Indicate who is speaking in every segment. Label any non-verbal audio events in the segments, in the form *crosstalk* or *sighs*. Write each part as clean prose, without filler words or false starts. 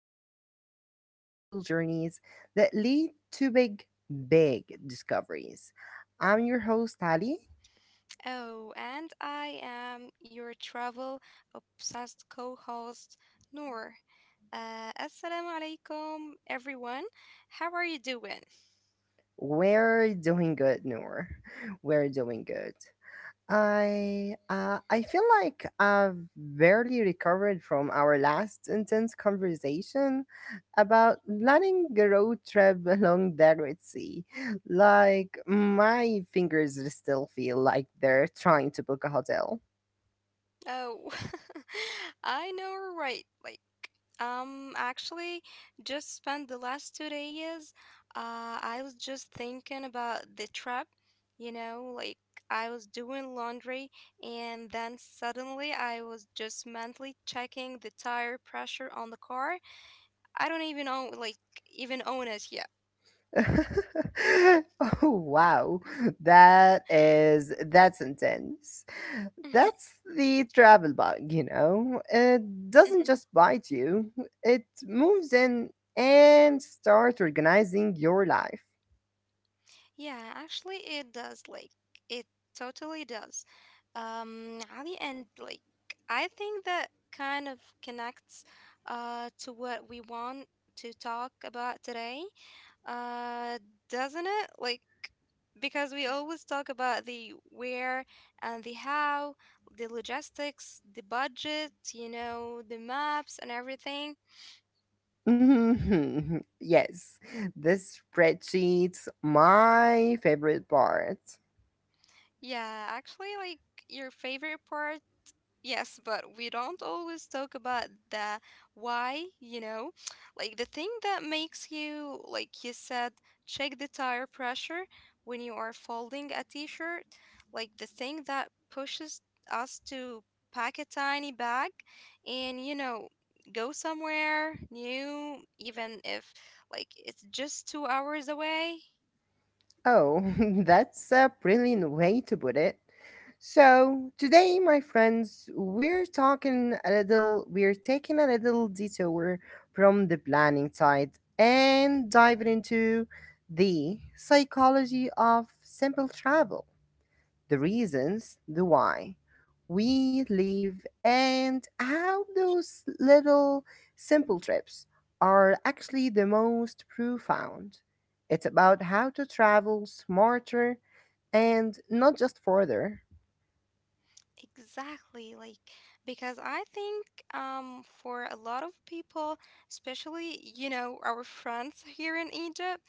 Speaker 1: we talk about the simple journeys that lead to big, big discoveries. I'm your host, Ali.
Speaker 2: Oh, and I am your travel obsessed co host, Noor. Assalamu alaikum, everyone. How are you doing?
Speaker 1: We're doing good, Noor. *laughs* We're doing good. I feel like I've barely recovered from our last intense conversation about planning a road trip *laughs* along the Red Sea. Like my fingers still feel like they're trying to book a hotel.
Speaker 2: Oh, *laughs* I know, right? Um, actually, just spent the last 2 days. I was just thinking about the trip, you know, like I was doing laundry, and then suddenly I was just mentally checking the tire pressure on the car I don't even own like even own it yet. *laughs*
Speaker 1: *laughs* Oh, wow. That is, that's intense. That's the travel bug, you know? It doesn't
Speaker 2: Mhm.
Speaker 1: just bite you, it moves in and starts organizing your life.
Speaker 2: Yeah, actually it does, it totally does. Ali, and like I think that kind of connects to what we want to talk about today. Uh doesn't it? Like because we always talk about the where and the how, the logistics, the budget, you know, the maps and everything.
Speaker 1: *laughs* Yes, this spreadsheet's my favorite part.
Speaker 2: Yeah, actually, like your favorite part, yes, but we don't always talk about the why, you know? *tsk* Like the thing that makes you, like you said, check the tire pressure when you are folding a t-shirt, like the thing that pushes us to pack a tiny bag and, you know, go somewhere new, even if like it's just 2 hours away.
Speaker 1: Oh, *laughs* that's a brilliant way to put it. So, today, my friends, we're taking a little detour from the planning side and diving into the psychology of simple travel, the reasons, the why we leave, and how those little simple trips are actually the most profound. It's about how to travel smarter and not just further.
Speaker 2: Exactly, like because I think for a lot of people, especially you know our friends here in Egypt,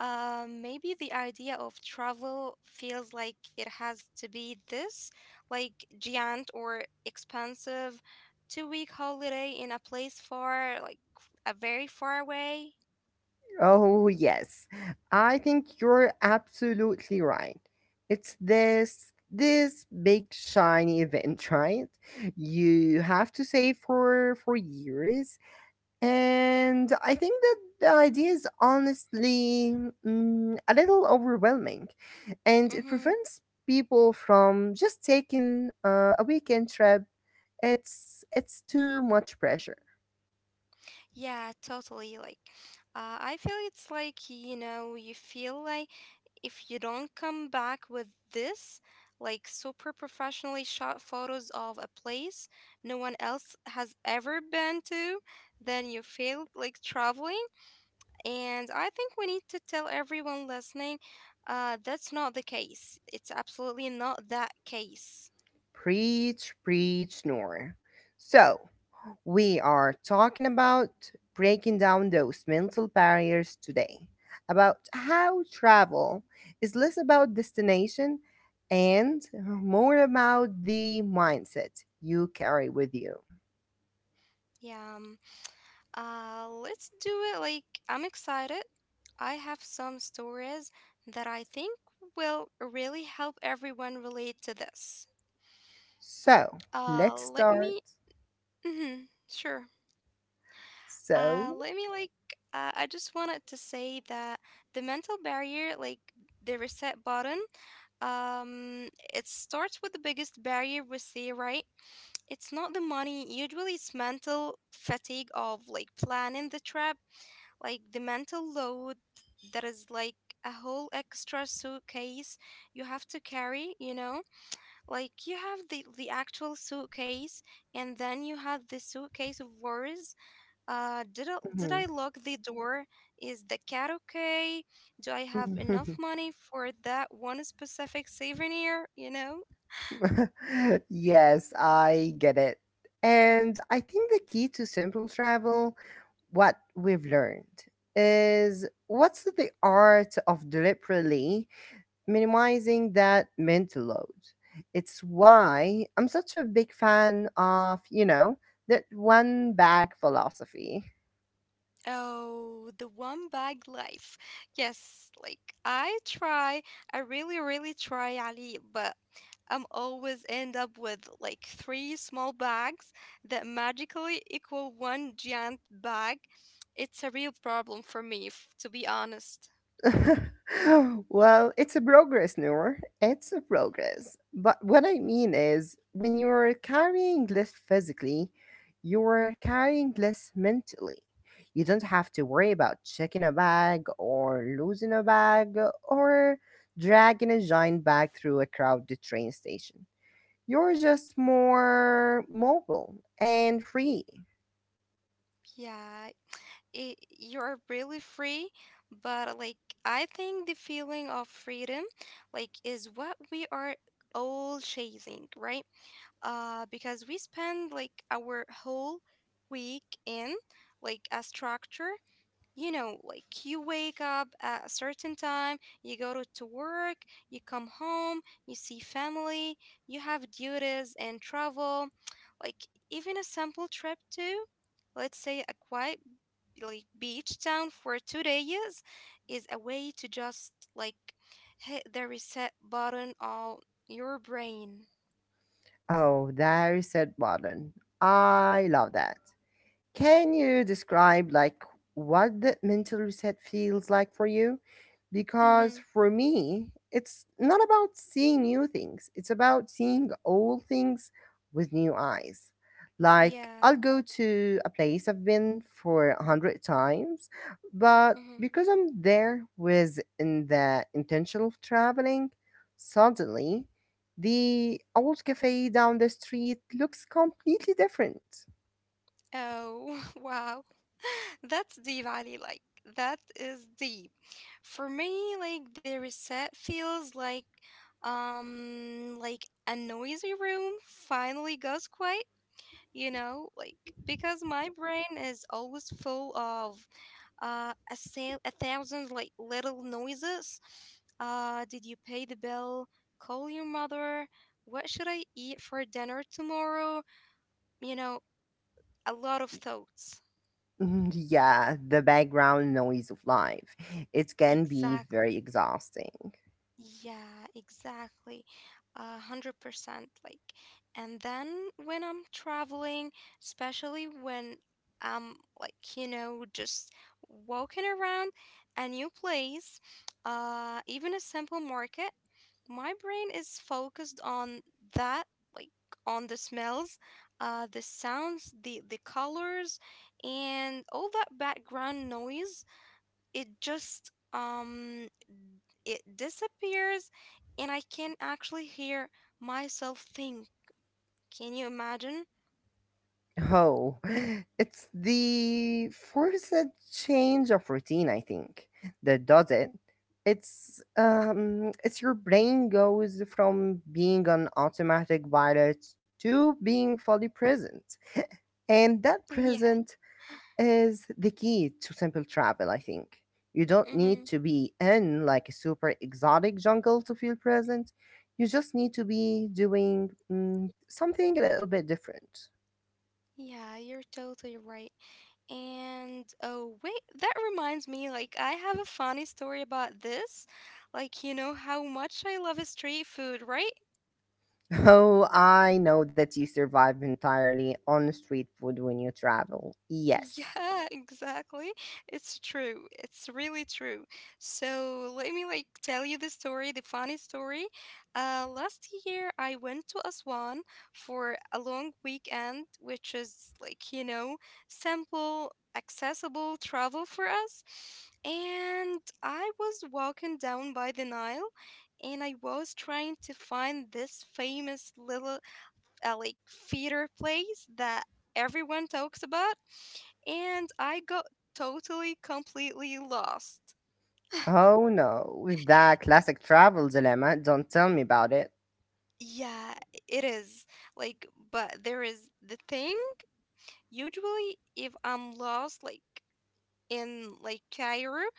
Speaker 2: maybe the idea of travel feels like it has to be this like giant or expensive 2 week holiday in a place far like a very far away.
Speaker 1: Oh, yes, I think you're absolutely right. It's this. This big shiny event, *laughs* right? You have to save for years. And I think that the idea is honestly a little overwhelming, and it
Speaker 2: Hmm.
Speaker 1: prevents people from just taking a weekend trip. It's too much pressure.
Speaker 2: Yeah, totally. Like, I feel it's like, you know, you feel like if you don't come back with this, like super professionally shot photos of a place no one else has ever been to, then you failed like traveling. And I think we need to tell everyone listening, that's not the case. It's absolutely not that case.
Speaker 1: Preach, preach, Nor. So, we are talking about breaking down those mental barriers today, about how travel is less about destination and more about the mindset you carry with you.
Speaker 2: Yeah. Let's do it. Like, I'm excited. I have some stories that I think will really help everyone relate to this.
Speaker 1: So let's
Speaker 2: Let
Speaker 1: start.
Speaker 2: me. Mhm, sure.
Speaker 1: So,
Speaker 2: Let me like. I just wanted to say that the mental barrier, like the reset button, it starts with the biggest barrier we see, right? It's not the money. Usually, it's mental fatigue of like planning the trip, like the mental load that is like a whole extra suitcase you have to carry, you know, like you have the actual suitcase and then you have the suitcase of worries. Did I
Speaker 1: mhm.
Speaker 2: lock the door, is the cat okay, do I have enough
Speaker 1: *laughs*
Speaker 2: money for that one specific souvenir, you know?
Speaker 1: Yes, I get it. And I think the key to simple travel, what we've learned, is what's the art of deliberately minimizing that mental load. It's why I'm such a big fan of, you know, that one bag philosophy.
Speaker 2: Oh, the one bag life. Yes, like I try, I really, really try, Ali, but I'm always end up with like three small bags that magically equal one giant bag. It's a real problem for me, to be honest.
Speaker 1: *laughs* well, it's a progress, Noor. It's a progress. But what I mean is, when you're carrying less physically, you're carrying less mentally. You don't have to worry about checking a bag or losing a bag or dragging a giant bag through a crowded train station. You're just more mobile and free.
Speaker 2: Yeah, it, you're really free, but like I think the feeling of freedom, like, is what we are all chasing, right? Because we spend like our whole week in like a structure. You know, like you wake up at a certain time, you go to work, you come home, you see family, you have duties and travel, like even a simple trip to, let's say, a quiet like beach town for 2 days is a way to just like hit the reset button on your brain.
Speaker 1: Oh, there you said, button. I love that. Can you describe like what the mental reset feels like for you?
Speaker 2: Mm-hmm.
Speaker 1: Because for me, it's not about seeing new things. It's about seeing old things with new eyes. Like
Speaker 2: Yeah.
Speaker 1: I'll go to a place I've been for a hundred times, but
Speaker 2: Mhm.
Speaker 1: because I'm there with in the intention of traveling, suddenly the old cafe down the street looks completely different.
Speaker 2: Oh, *laughs* wow. *laughs* That's deep, Ali. Like, that is deep. For me, like, the reset feels like a noisy room finally goes quiet, you know? Like, because my brain is always full of, a thousand, like, little noises. Did you pay the bill? Call your mother? What should I eat for dinner tomorrow? You know, a lot of thoughts.
Speaker 1: Mhm. Yeah, the background noise of life. It can be
Speaker 2: Exactly.
Speaker 1: very exhausting.
Speaker 2: Yeah, exactly. 100%. Like, and then when I'm traveling, especially when I'm like, you know, just walking around a new place, even a simple market, my brain is focused on that, like on the smells, the sounds, the colors, and all that background noise it just it disappears and I can actually hear myself think, can you imagine?
Speaker 1: Oh, *laughs* it's the forced change of routine, I think, that does it. It's your brain goes from being on automatic pilot to being fully present, and that
Speaker 2: *laughs* Yeah.
Speaker 1: present is the key to simple travel. I think you don't need
Speaker 2: Hmm,
Speaker 1: to be in like a super exotic jungle to feel present. You just need to be doing something a little bit different.
Speaker 2: yeah, you're totally right. And oh wait, that reminds me, like I have a funny story about this. Like you know how much I love street food, right?
Speaker 1: Oh, I know that you survive entirely on street food when you travel. Yes.
Speaker 2: Yeah, *laughs* exactly. It's true. It's really true. So let me like tell you the story, the funny story. Last year I went to Aswan for a long weekend, which is like, you know, simple, accessible travel for us. And I was walking down by the Nile and I was trying to find this famous little like theater plays that everyone talks about, and I got totally completely lost.
Speaker 1: Oh no, that classic travel dilemma. Don't tell me about it.
Speaker 2: Yeah, it is. Like, but there is the thing. Usually, if I'm lost, like in like Cairo,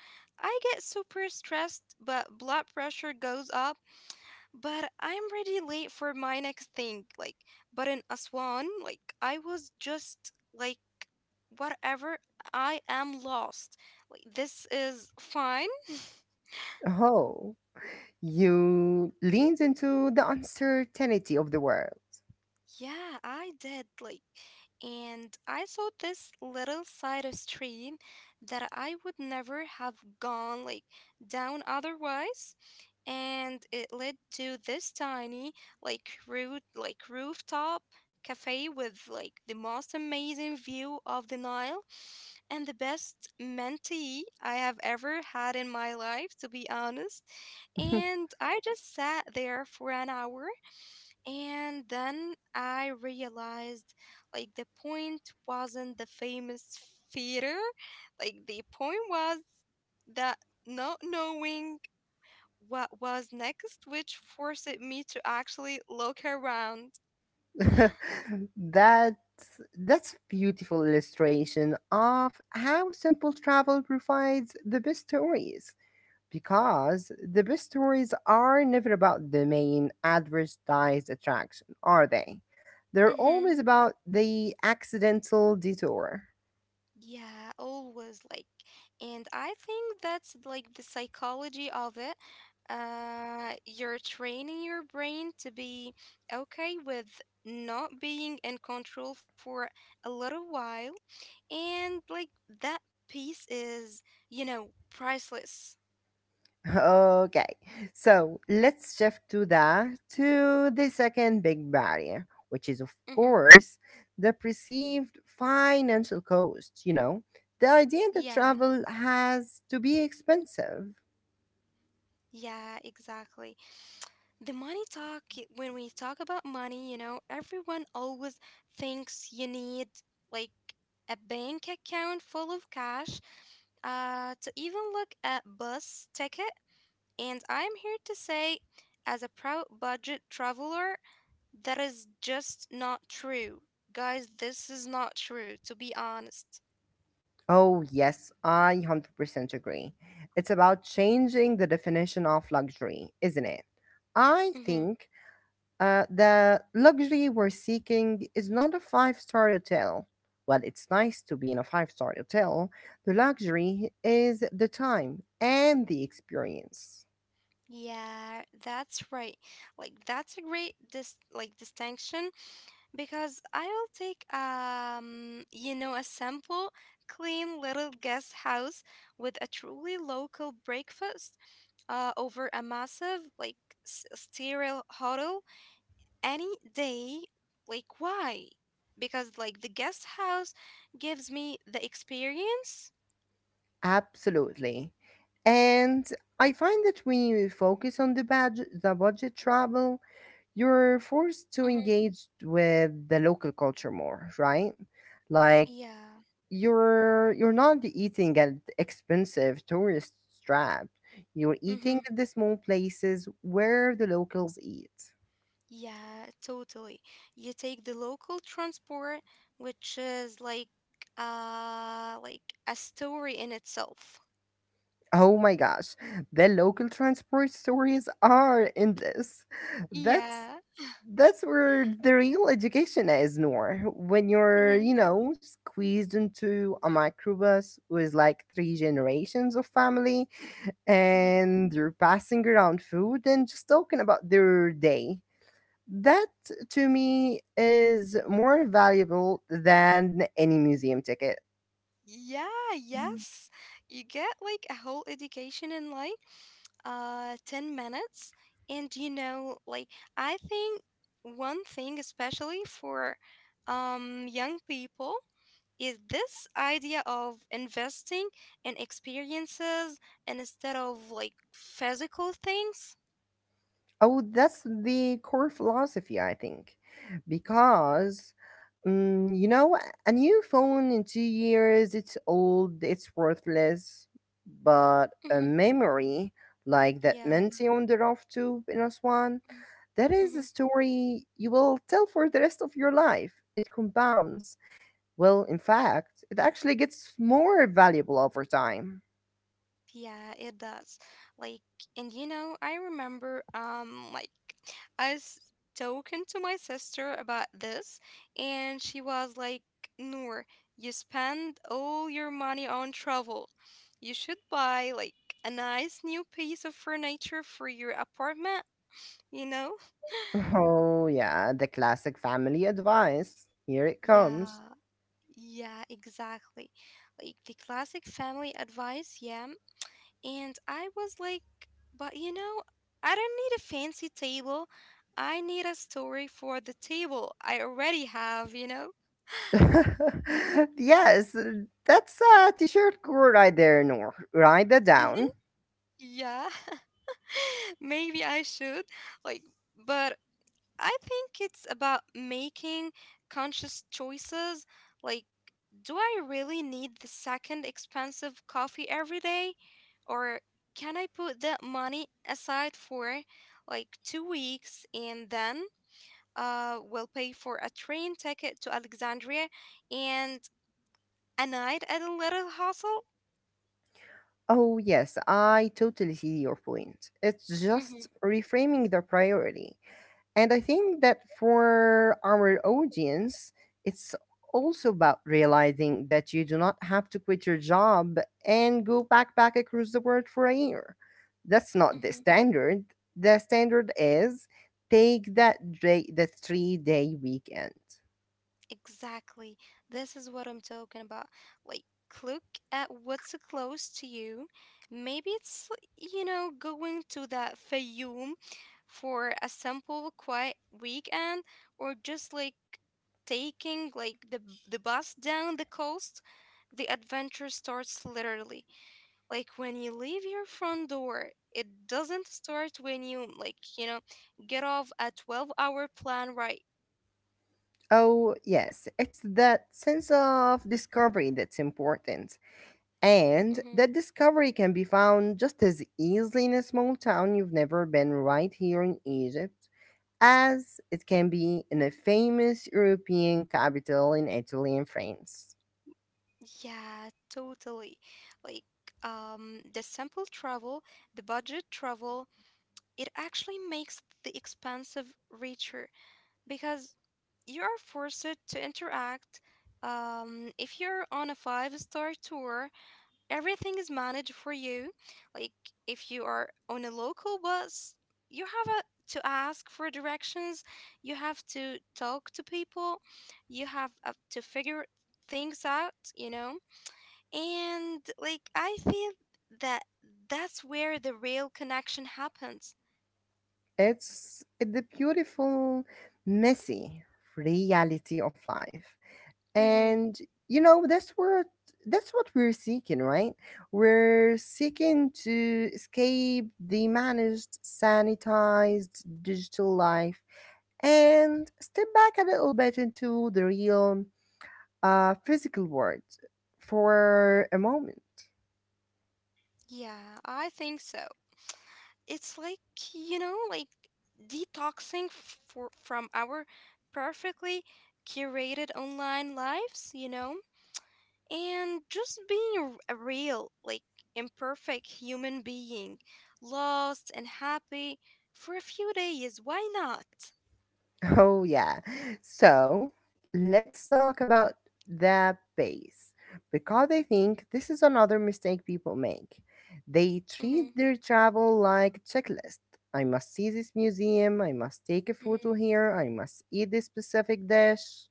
Speaker 2: I get super stressed, but blood pressure goes up, but I'm really late for my next thing. Like, but in Aswan, like, I was just like, whatever, I am lost. Like, this is fine. *laughs*
Speaker 1: Oh, you leaned into the uncertainty of the world.
Speaker 2: Yeah, I did. Like, and I saw this little side of stream that I would never have gone like down otherwise. And it led to this tiny like rooftop cafe with like the most amazing view of the Nile and the best mentee I have ever had in my life, to be honest.
Speaker 1: *laughs*
Speaker 2: And I just sat there for an hour and then I realized like the point wasn't the famous theater, like the point was that not knowing what was next, which forced me to actually look around.
Speaker 1: that that's a beautiful illustration of how simple travel provides the best stories. Because the best stories are never about the main advertised attraction, are they? They're
Speaker 2: Mm-hmm.
Speaker 1: always about the accidental detour.
Speaker 2: Yeah, always like, and I think that's like the psychology of it. You're training your brain to be okay with not being in control for a little while, and like that piece is, you know, priceless.
Speaker 1: *laughs* Okay, so let's shift to that to the second big barrier, which is of
Speaker 2: Hmm.
Speaker 1: course the perceived financial cost, you know, the idea that
Speaker 2: Yeah,
Speaker 1: travel has to be expensive.
Speaker 2: yeah, exactly. The money talk, when we talk about money, you know, everyone always thinks you need like a bank account full of cash to even look at bus ticket. And I'm here to say, as a proud budget traveler, that is just not true. Guys, this is not true, to be honest.
Speaker 1: Oh, yes, I 100% agree. It's about changing the definition of luxury, isn't it? I
Speaker 2: Mm-hmm.
Speaker 1: think the luxury we're seeking is not a five-star hotel. Well, it's nice to be in a five-star hotel. The luxury is the time and the experience.
Speaker 2: Yeah, that's right. Like that's a great distinction. Because I will take, you know, a simple, clean little guest house with a truly local breakfast, over a massive, like, sterile hotel any day. Like, why? Because, like, the guest house gives me the experience.
Speaker 1: Absolutely. And I find that when you focus on the budget travel, you're forced to
Speaker 2: Mm-hmm.
Speaker 1: engage with the local culture more, right? Like
Speaker 2: Yeah.
Speaker 1: you're not eating at expensive tourist traps. You're eating
Speaker 2: Mm-hmm.
Speaker 1: at the small places where the locals eat.
Speaker 2: Yeah, totally. You take the local transport, which is like a story in itself.
Speaker 1: Oh my gosh, the local transport stories are endless. That's
Speaker 2: Yeah.
Speaker 1: that's where the real education is, Noor. When you're,
Speaker 2: Mhm,
Speaker 1: you know, squeezed into a microbus with like three generations of family
Speaker 2: mhm.
Speaker 1: and they're passing around food and just talking about their day. That to me is more valuable than any museum ticket.
Speaker 2: Yeah, yes. You get like a whole education in like 10 minutes, and you know like I think one thing, especially for young people, is this idea of investing in experiences instead of like physical things.
Speaker 1: Oh, that's the core philosophy, I think. Because, you know, a new phone in 2 years, it's old, it's worthless. But a
Speaker 2: Mhm.
Speaker 1: memory like that
Speaker 2: Yeah.
Speaker 1: Menti on the Rough Tube in Aswan, that is a
Speaker 2: Mm-hmm.
Speaker 1: story you will tell for the rest of your life. It compounds. Well, in fact, it actually gets more valuable over time.
Speaker 2: Yeah, it does. Like, and you know, I remember, like, I was talking to my sister about this, and she was like, Noor, you spend all your money on travel. You should buy, like, a nice new piece of furniture for your apartment, you know?
Speaker 1: *laughs* Oh, yeah, the classic family advice. Here it comes.
Speaker 2: Yeah, yeah, exactly. Like, the classic family advice, yeah. And I was like, but you know, I don't need a fancy table. I need a story for the table I already have, you know?
Speaker 1: *laughs* Yes, that's a t-shirt core right there, Nor. Write that
Speaker 2: Mhm.
Speaker 1: down.
Speaker 2: Yeah, *laughs* maybe I should. Like, but I think it's about making conscious choices. Like, do I really need the second expensive coffee every day? Or can I put that money aside for like 2 weeks and then will pay for a train ticket to Alexandria and a night at a little hostel.
Speaker 1: Oh yes, I totally see your point. It's just
Speaker 2: Mm-hmm,
Speaker 1: reframing the priority. And I think that for our audience, it's also about realizing that you do not have to quit your job and go backpack across the world for a year. That's not the
Speaker 2: mm-hmm.
Speaker 1: standard. The standard is take that day, the 3 day weekend.
Speaker 2: Exactly. This is what I'm talking about. Like, look at what's close to you. Maybe it's, you know, going to the Fayoum for a simple, quiet weekend, or just like taking like the bus down the coast. The adventure starts literally, like when you leave your front door. It doesn't start when you like you know get off a 12-hour plan, right?
Speaker 1: Oh, yes, it's that sense of discovery that's important.
Speaker 2: Hmm,
Speaker 1: And that discovery can be found just as easily in a small town you've never been right here in Egypt, as it can be in a famous European capital in Italy and France.
Speaker 2: yeah, totally. Like, the simple travel, the budget travel, it actually makes the expensive richer because you are forced to interact. If you're on a five-star tour, everything is managed for you. Like if you are on a local bus, you have a, to ask for directions, you have to talk to people, you have to figure things out, you know? And like I feel that that's where the real connection happens.
Speaker 1: It's the beautiful, messy reality of life.
Speaker 2: Mhm.
Speaker 1: And you know, that's what we're seeking, right? We're seeking to escape the managed, sanitized digital life and step back a little bit into the real physical world for a moment.
Speaker 2: Yeah, I think so. It's like, you know, like detoxing for from our perfectly curated online lives, you know, and just being a real, like imperfect human being, lost and happy for a few days. Why not?
Speaker 1: Oh, yeah. So let's talk about the base, because I think this is another mistake people make. They
Speaker 2: Mm-hmm.
Speaker 1: treat their travel like checklist. I must see this museum, I must take a photo
Speaker 2: Mm-hmm.
Speaker 1: here, I must eat this specific dish.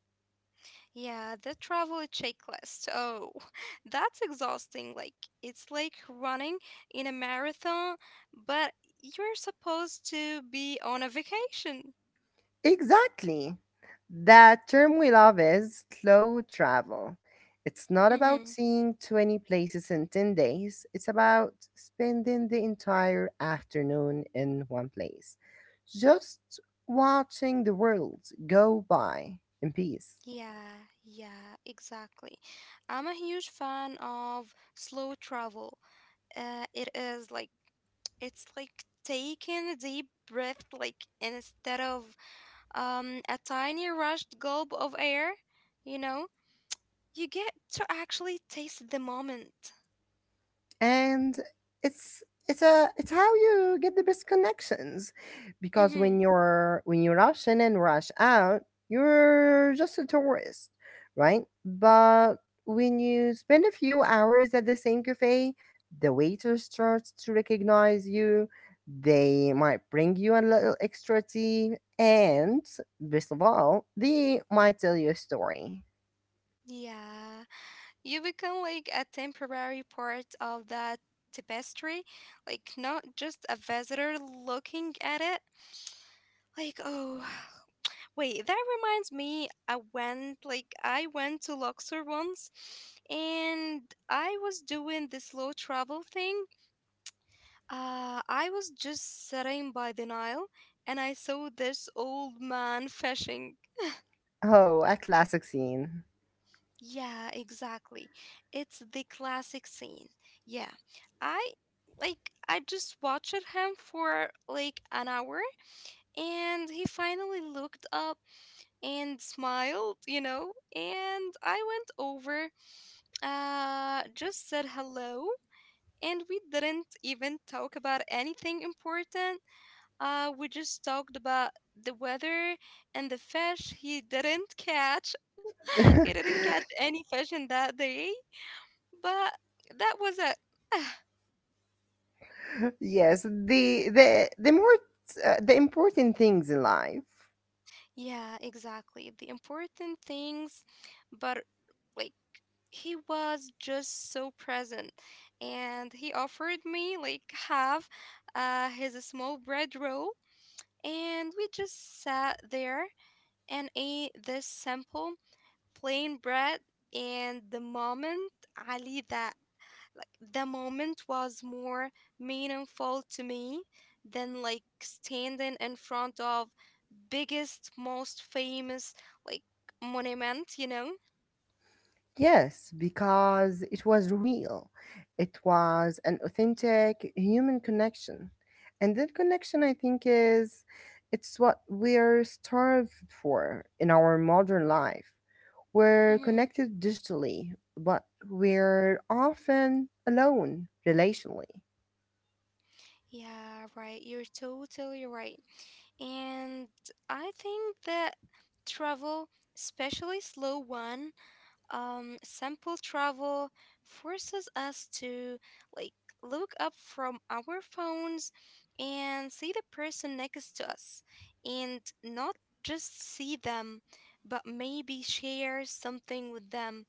Speaker 2: Yeah, the travel checklist. Oh, *laughs* that's exhausting. Like, it's like running in a marathon, but you're supposed to be on a vacation.
Speaker 1: Exactly. That term we love is slow travel. It's not
Speaker 2: Mm-hmm.
Speaker 1: about seeing 20 places in 10 days, it's about spending the entire afternoon in one place, just watching the world go by in peace.
Speaker 2: Yeah, yeah, exactly. I'm a huge fan of slow travel. It is like, it's like taking a deep breath, like, instead of a tiny rushed gulp of air, you know? You get to actually taste the moment.
Speaker 1: And it's it's how you get the best connections, because
Speaker 2: Mm-hmm.
Speaker 1: when you're when you rush in and rush out, you're just a tourist, right? But when you spend a few hours at the same cafe, the waiter starts to recognize you, they might bring you a little extra tea, and best of all, they might tell you a story.
Speaker 2: Yeah, you become like a temporary part of that tapestry, like not just a visitor looking at it. Like, oh, *sighs* wait, that reminds me, I went to Luxor once and I was doing the slow travel thing. I was just sitting by the Nile and I saw this old man *laughs* fishing.
Speaker 1: Oh, a classic scene.
Speaker 2: Yeah, exactly. It's the classic scene. Yeah. I I just watched him for like an hour and he finally looked up and smiled, and I went over, just said hello and we didn't even talk about anything important. We just talked about the weather and the fish he didn't catch. *laughs* He didn't
Speaker 1: *laughs*
Speaker 2: catch any fish in that day but that was it. *sighs*
Speaker 1: Yes, the important things in life.
Speaker 2: Yeah, exactly. The important things, but like he was just so present and he offered me like half his small bread roll and we just sat there and ate this simple plain bread, and the moment, Ali, that the moment was more meaningful to me than like standing in front of biggest, most famous, like, monument, you know?
Speaker 1: Yes, because it was real. It was an authentic human connection. And that connection, I think, is it's what we're starved for in our modern life. We're
Speaker 2: Hmm.
Speaker 1: connected digitally, but we're often alone relationally.
Speaker 2: Yeah, right. You're totally right. And I think that travel, especially slow one, sample travel forces us to, like, look up from our phones and see the person next to us and not just see them, but maybe share something with them.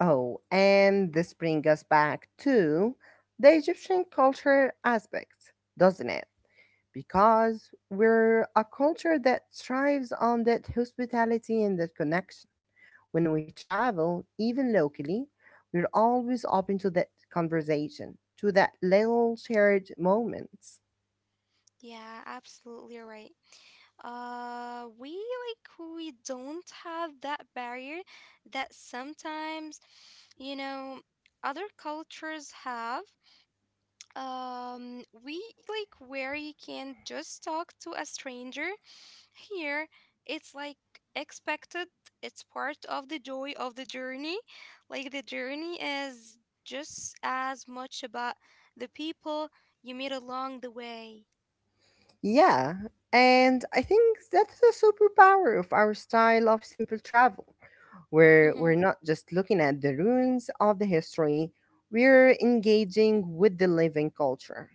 Speaker 1: Oh, and this brings us back to the Egyptian culture aspect, doesn't it? Because we're a culture that thrives on that hospitality and that connection. When we travel, even locally, we're always open to that conversation, to that little shared moments.
Speaker 2: Yeah, absolutely right. We don't have that barrier that sometimes, you know, other cultures have. We like where you can just talk to a stranger. Here, it's like expected. It's part of the joy of the journey. Like the journey is just as much about the people you meet along the way.
Speaker 1: Yeah, and I think that's a superpower of our style of simple travel, where we're
Speaker 2: Mm-hmm.
Speaker 1: not just looking at the ruins of the history, we're engaging with the living culture.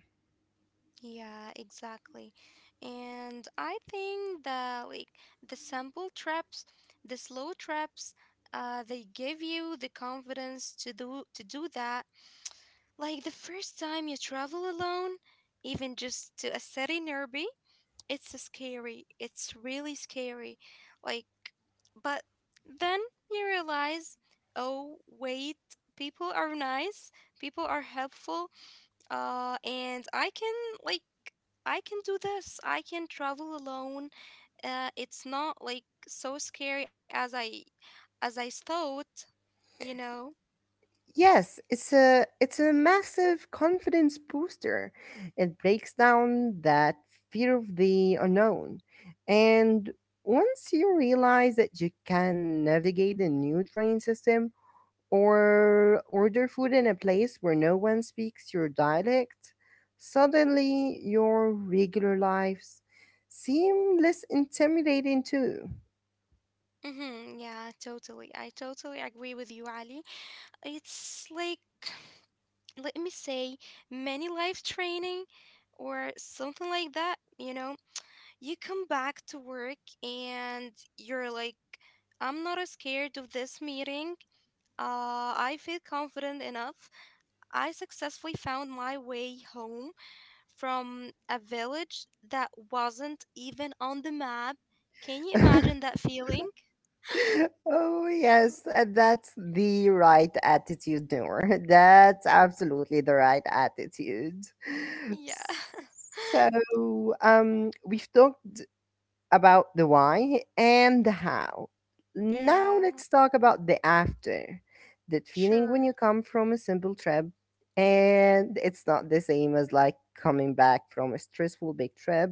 Speaker 2: Yeah, exactly. And I think that like the simple traps, the slow traps, they give you the confidence to do that. Like the first time you travel alone, even just to a city nearby, it's a scary. It's really scary. Like, but then you realize, oh wait, people are nice, people are helpful, and like I can do this. I can travel alone. It's not like so scary as I thought, you know.
Speaker 1: Yes, it's a massive confidence booster. It breaks down that fear of the unknown. And once you realize that you can navigate the new train system or order food in a place where no one speaks your dialect, suddenly your regular lives seem less intimidating too.
Speaker 2: Mm-hmm, yeah, totally. I totally agree with you, Ali. It's like let me say many life training or something like that, you know, you come back to work and you're like, I'm not as scared of this meeting. I feel confident enough. I successfully found my way home from a village that wasn't even on the map. Can you
Speaker 1: *laughs*
Speaker 2: imagine that feeling?
Speaker 1: oh, yes, and that's the right attitude, Noor. *laughs* That's absolutely the right attitude.
Speaker 2: Yeah. *laughs*
Speaker 1: So, we've talked about the why and the how. Now
Speaker 2: Yeah,
Speaker 1: let's talk about the after. That feeling
Speaker 2: sure.
Speaker 1: when you come from a simple trip, and it's not the same as like coming back from a stressful big trip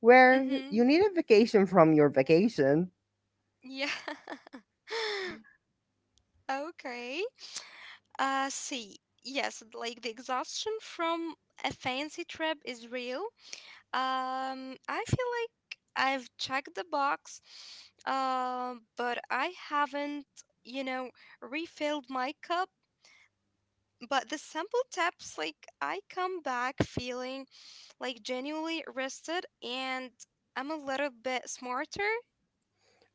Speaker 1: where
Speaker 2: Mm-hmm.
Speaker 1: you need a vacation from your vacation.
Speaker 2: Yeah. *laughs* Okay. See, yes, like the exhaustion from a fancy trip is real. I feel like I've checked the box, but I haven't, you know, refilled my cup. But the simple tips, like I come back feeling like genuinely rested and I'm a little bit smarter.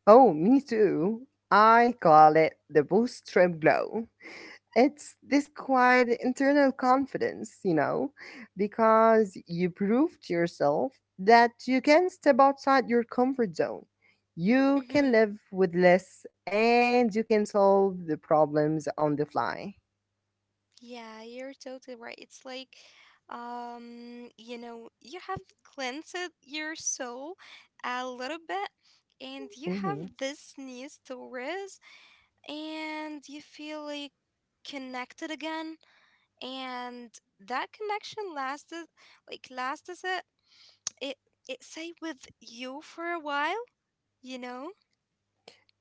Speaker 1: Oh, me too. I call it the post trip glow. It's this quiet internal confidence, you know, because you prove to yourself that you can step outside your comfort zone. You can
Speaker 2: Mm-hmm.
Speaker 1: live with less and you can solve the problems on the fly.
Speaker 2: Yeah, you're totally right. It's like, you know, you have cleansed your soul a little bit, and you
Speaker 1: Mhm.
Speaker 2: have this new stories and you feel like connected again and that connection lasted, like, lasted it it it stayed with you for a while, you know.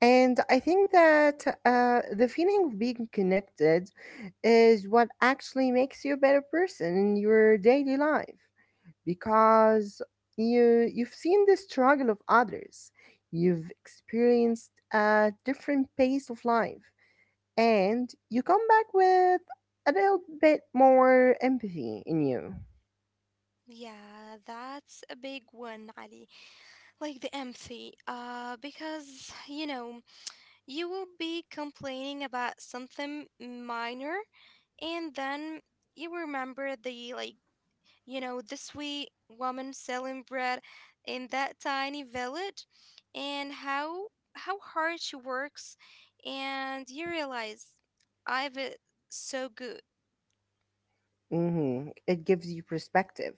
Speaker 1: And I think that the feeling of being connected is what actually makes you a better person in your daily life, because you you've seen the struggle of others, you've experienced a different pace of life, and you come back with a little bit more empathy in you.
Speaker 2: Yeah, that's a big one, Ali. Like the empathy, because you know you will be complaining about something minor, and then you remember, the, like, you know, the sweet woman selling bread in that tiny village and how hard she works and you realize I've it so good.
Speaker 1: Hmm, it gives you perspective,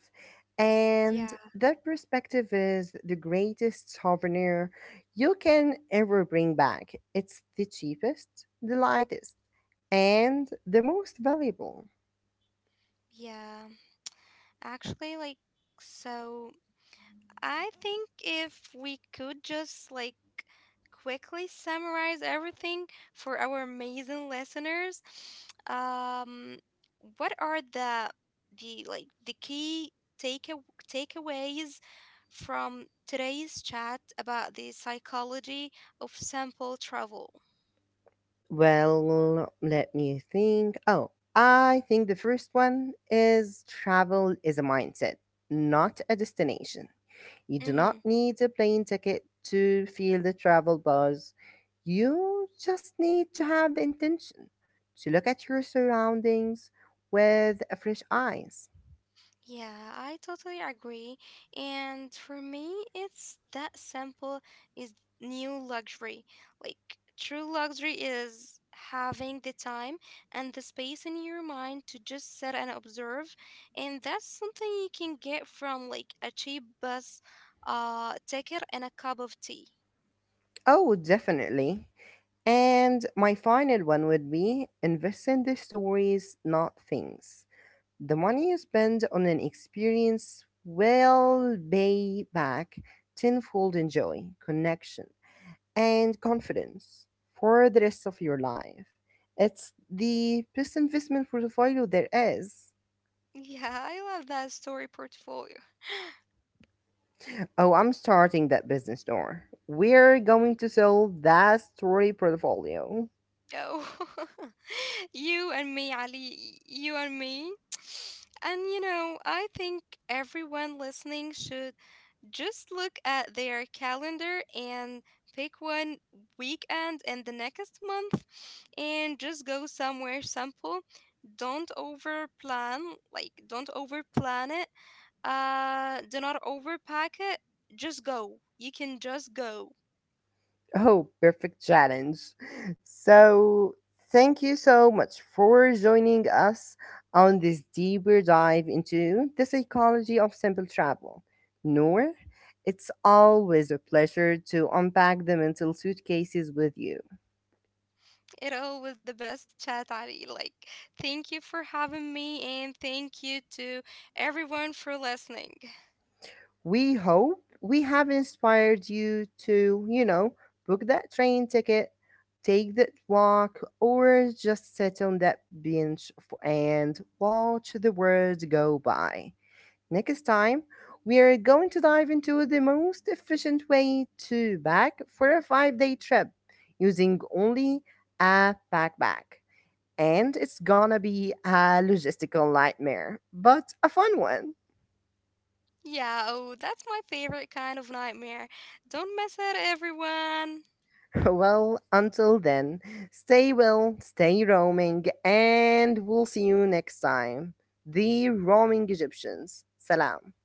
Speaker 1: and
Speaker 2: Yeah,
Speaker 1: that perspective is the greatest souvenir you can ever bring back. It's the cheapest, the lightest, and the most valuable.
Speaker 2: yeah. Actually, like, so I think if we could just like quickly summarize everything for our amazing listeners, *sniffs* um, what are the like the key take takeaways from today's chat about the psychology of sample travel?
Speaker 1: Well, let me think. Oh, I think the first one is travel is a mindset, not a destination. You do
Speaker 2: Mm-hmm.
Speaker 1: not need a plane ticket to feel the travel buzz. You just need to have the intention to look at your surroundings with a fresh eyes.
Speaker 2: Yeah, I totally agree. And for me, it's that simple is new luxury. Like, true luxury is having the time and the space in your mind to just sit and observe. And that's something you can get from like a cheap bus ticket and a cup of tea. *laughs*
Speaker 1: Oh, definitely. And my final one would be invest in the stories, not things. The money you spend on an experience will pay back tenfold in joy, connection, and confidence for the rest of your life. It's the best investment portfolio there is.
Speaker 2: Yeah, I love that story portfolio.
Speaker 1: Oh, I'm starting that business store. We're going to sell that story portfolio.
Speaker 2: Oh, *laughs* you and me, Ali, you and me. And you know, I think everyone listening should just look at their calendar and pick one weekend in the next month and just go somewhere simple. Don't over plan, like, don't over plan it. Do not overpack it. Just go. You can just go.
Speaker 1: Oh, perfect challenge. So, thank you so much for joining us on this deeper dive into the psychology of simple travel. Noor, it's always a pleasure to unpack the mental suitcases with you.
Speaker 2: It all was the best chat, Ali. Like, thank you for having me, and thank you to everyone for listening.
Speaker 1: We hope we have inspired you to, you know, book that train ticket, take that walk, or just sit on that bench and watch the world go by. Next time, we are going to dive into the most efficient way to pack for a 5 day trip using only a backpack. And it's gonna be a logistical nightmare, but a fun one.
Speaker 2: Yeah, oh, that's my favorite kind of nightmare. Don't miss it, everyone.
Speaker 1: *laughs* Well, until then, stay well, stay roaming, and we'll see you next time. The Roaming Egyptians. Salam.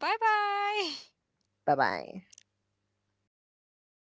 Speaker 2: Bye bye. *laughs*
Speaker 1: Bye bye.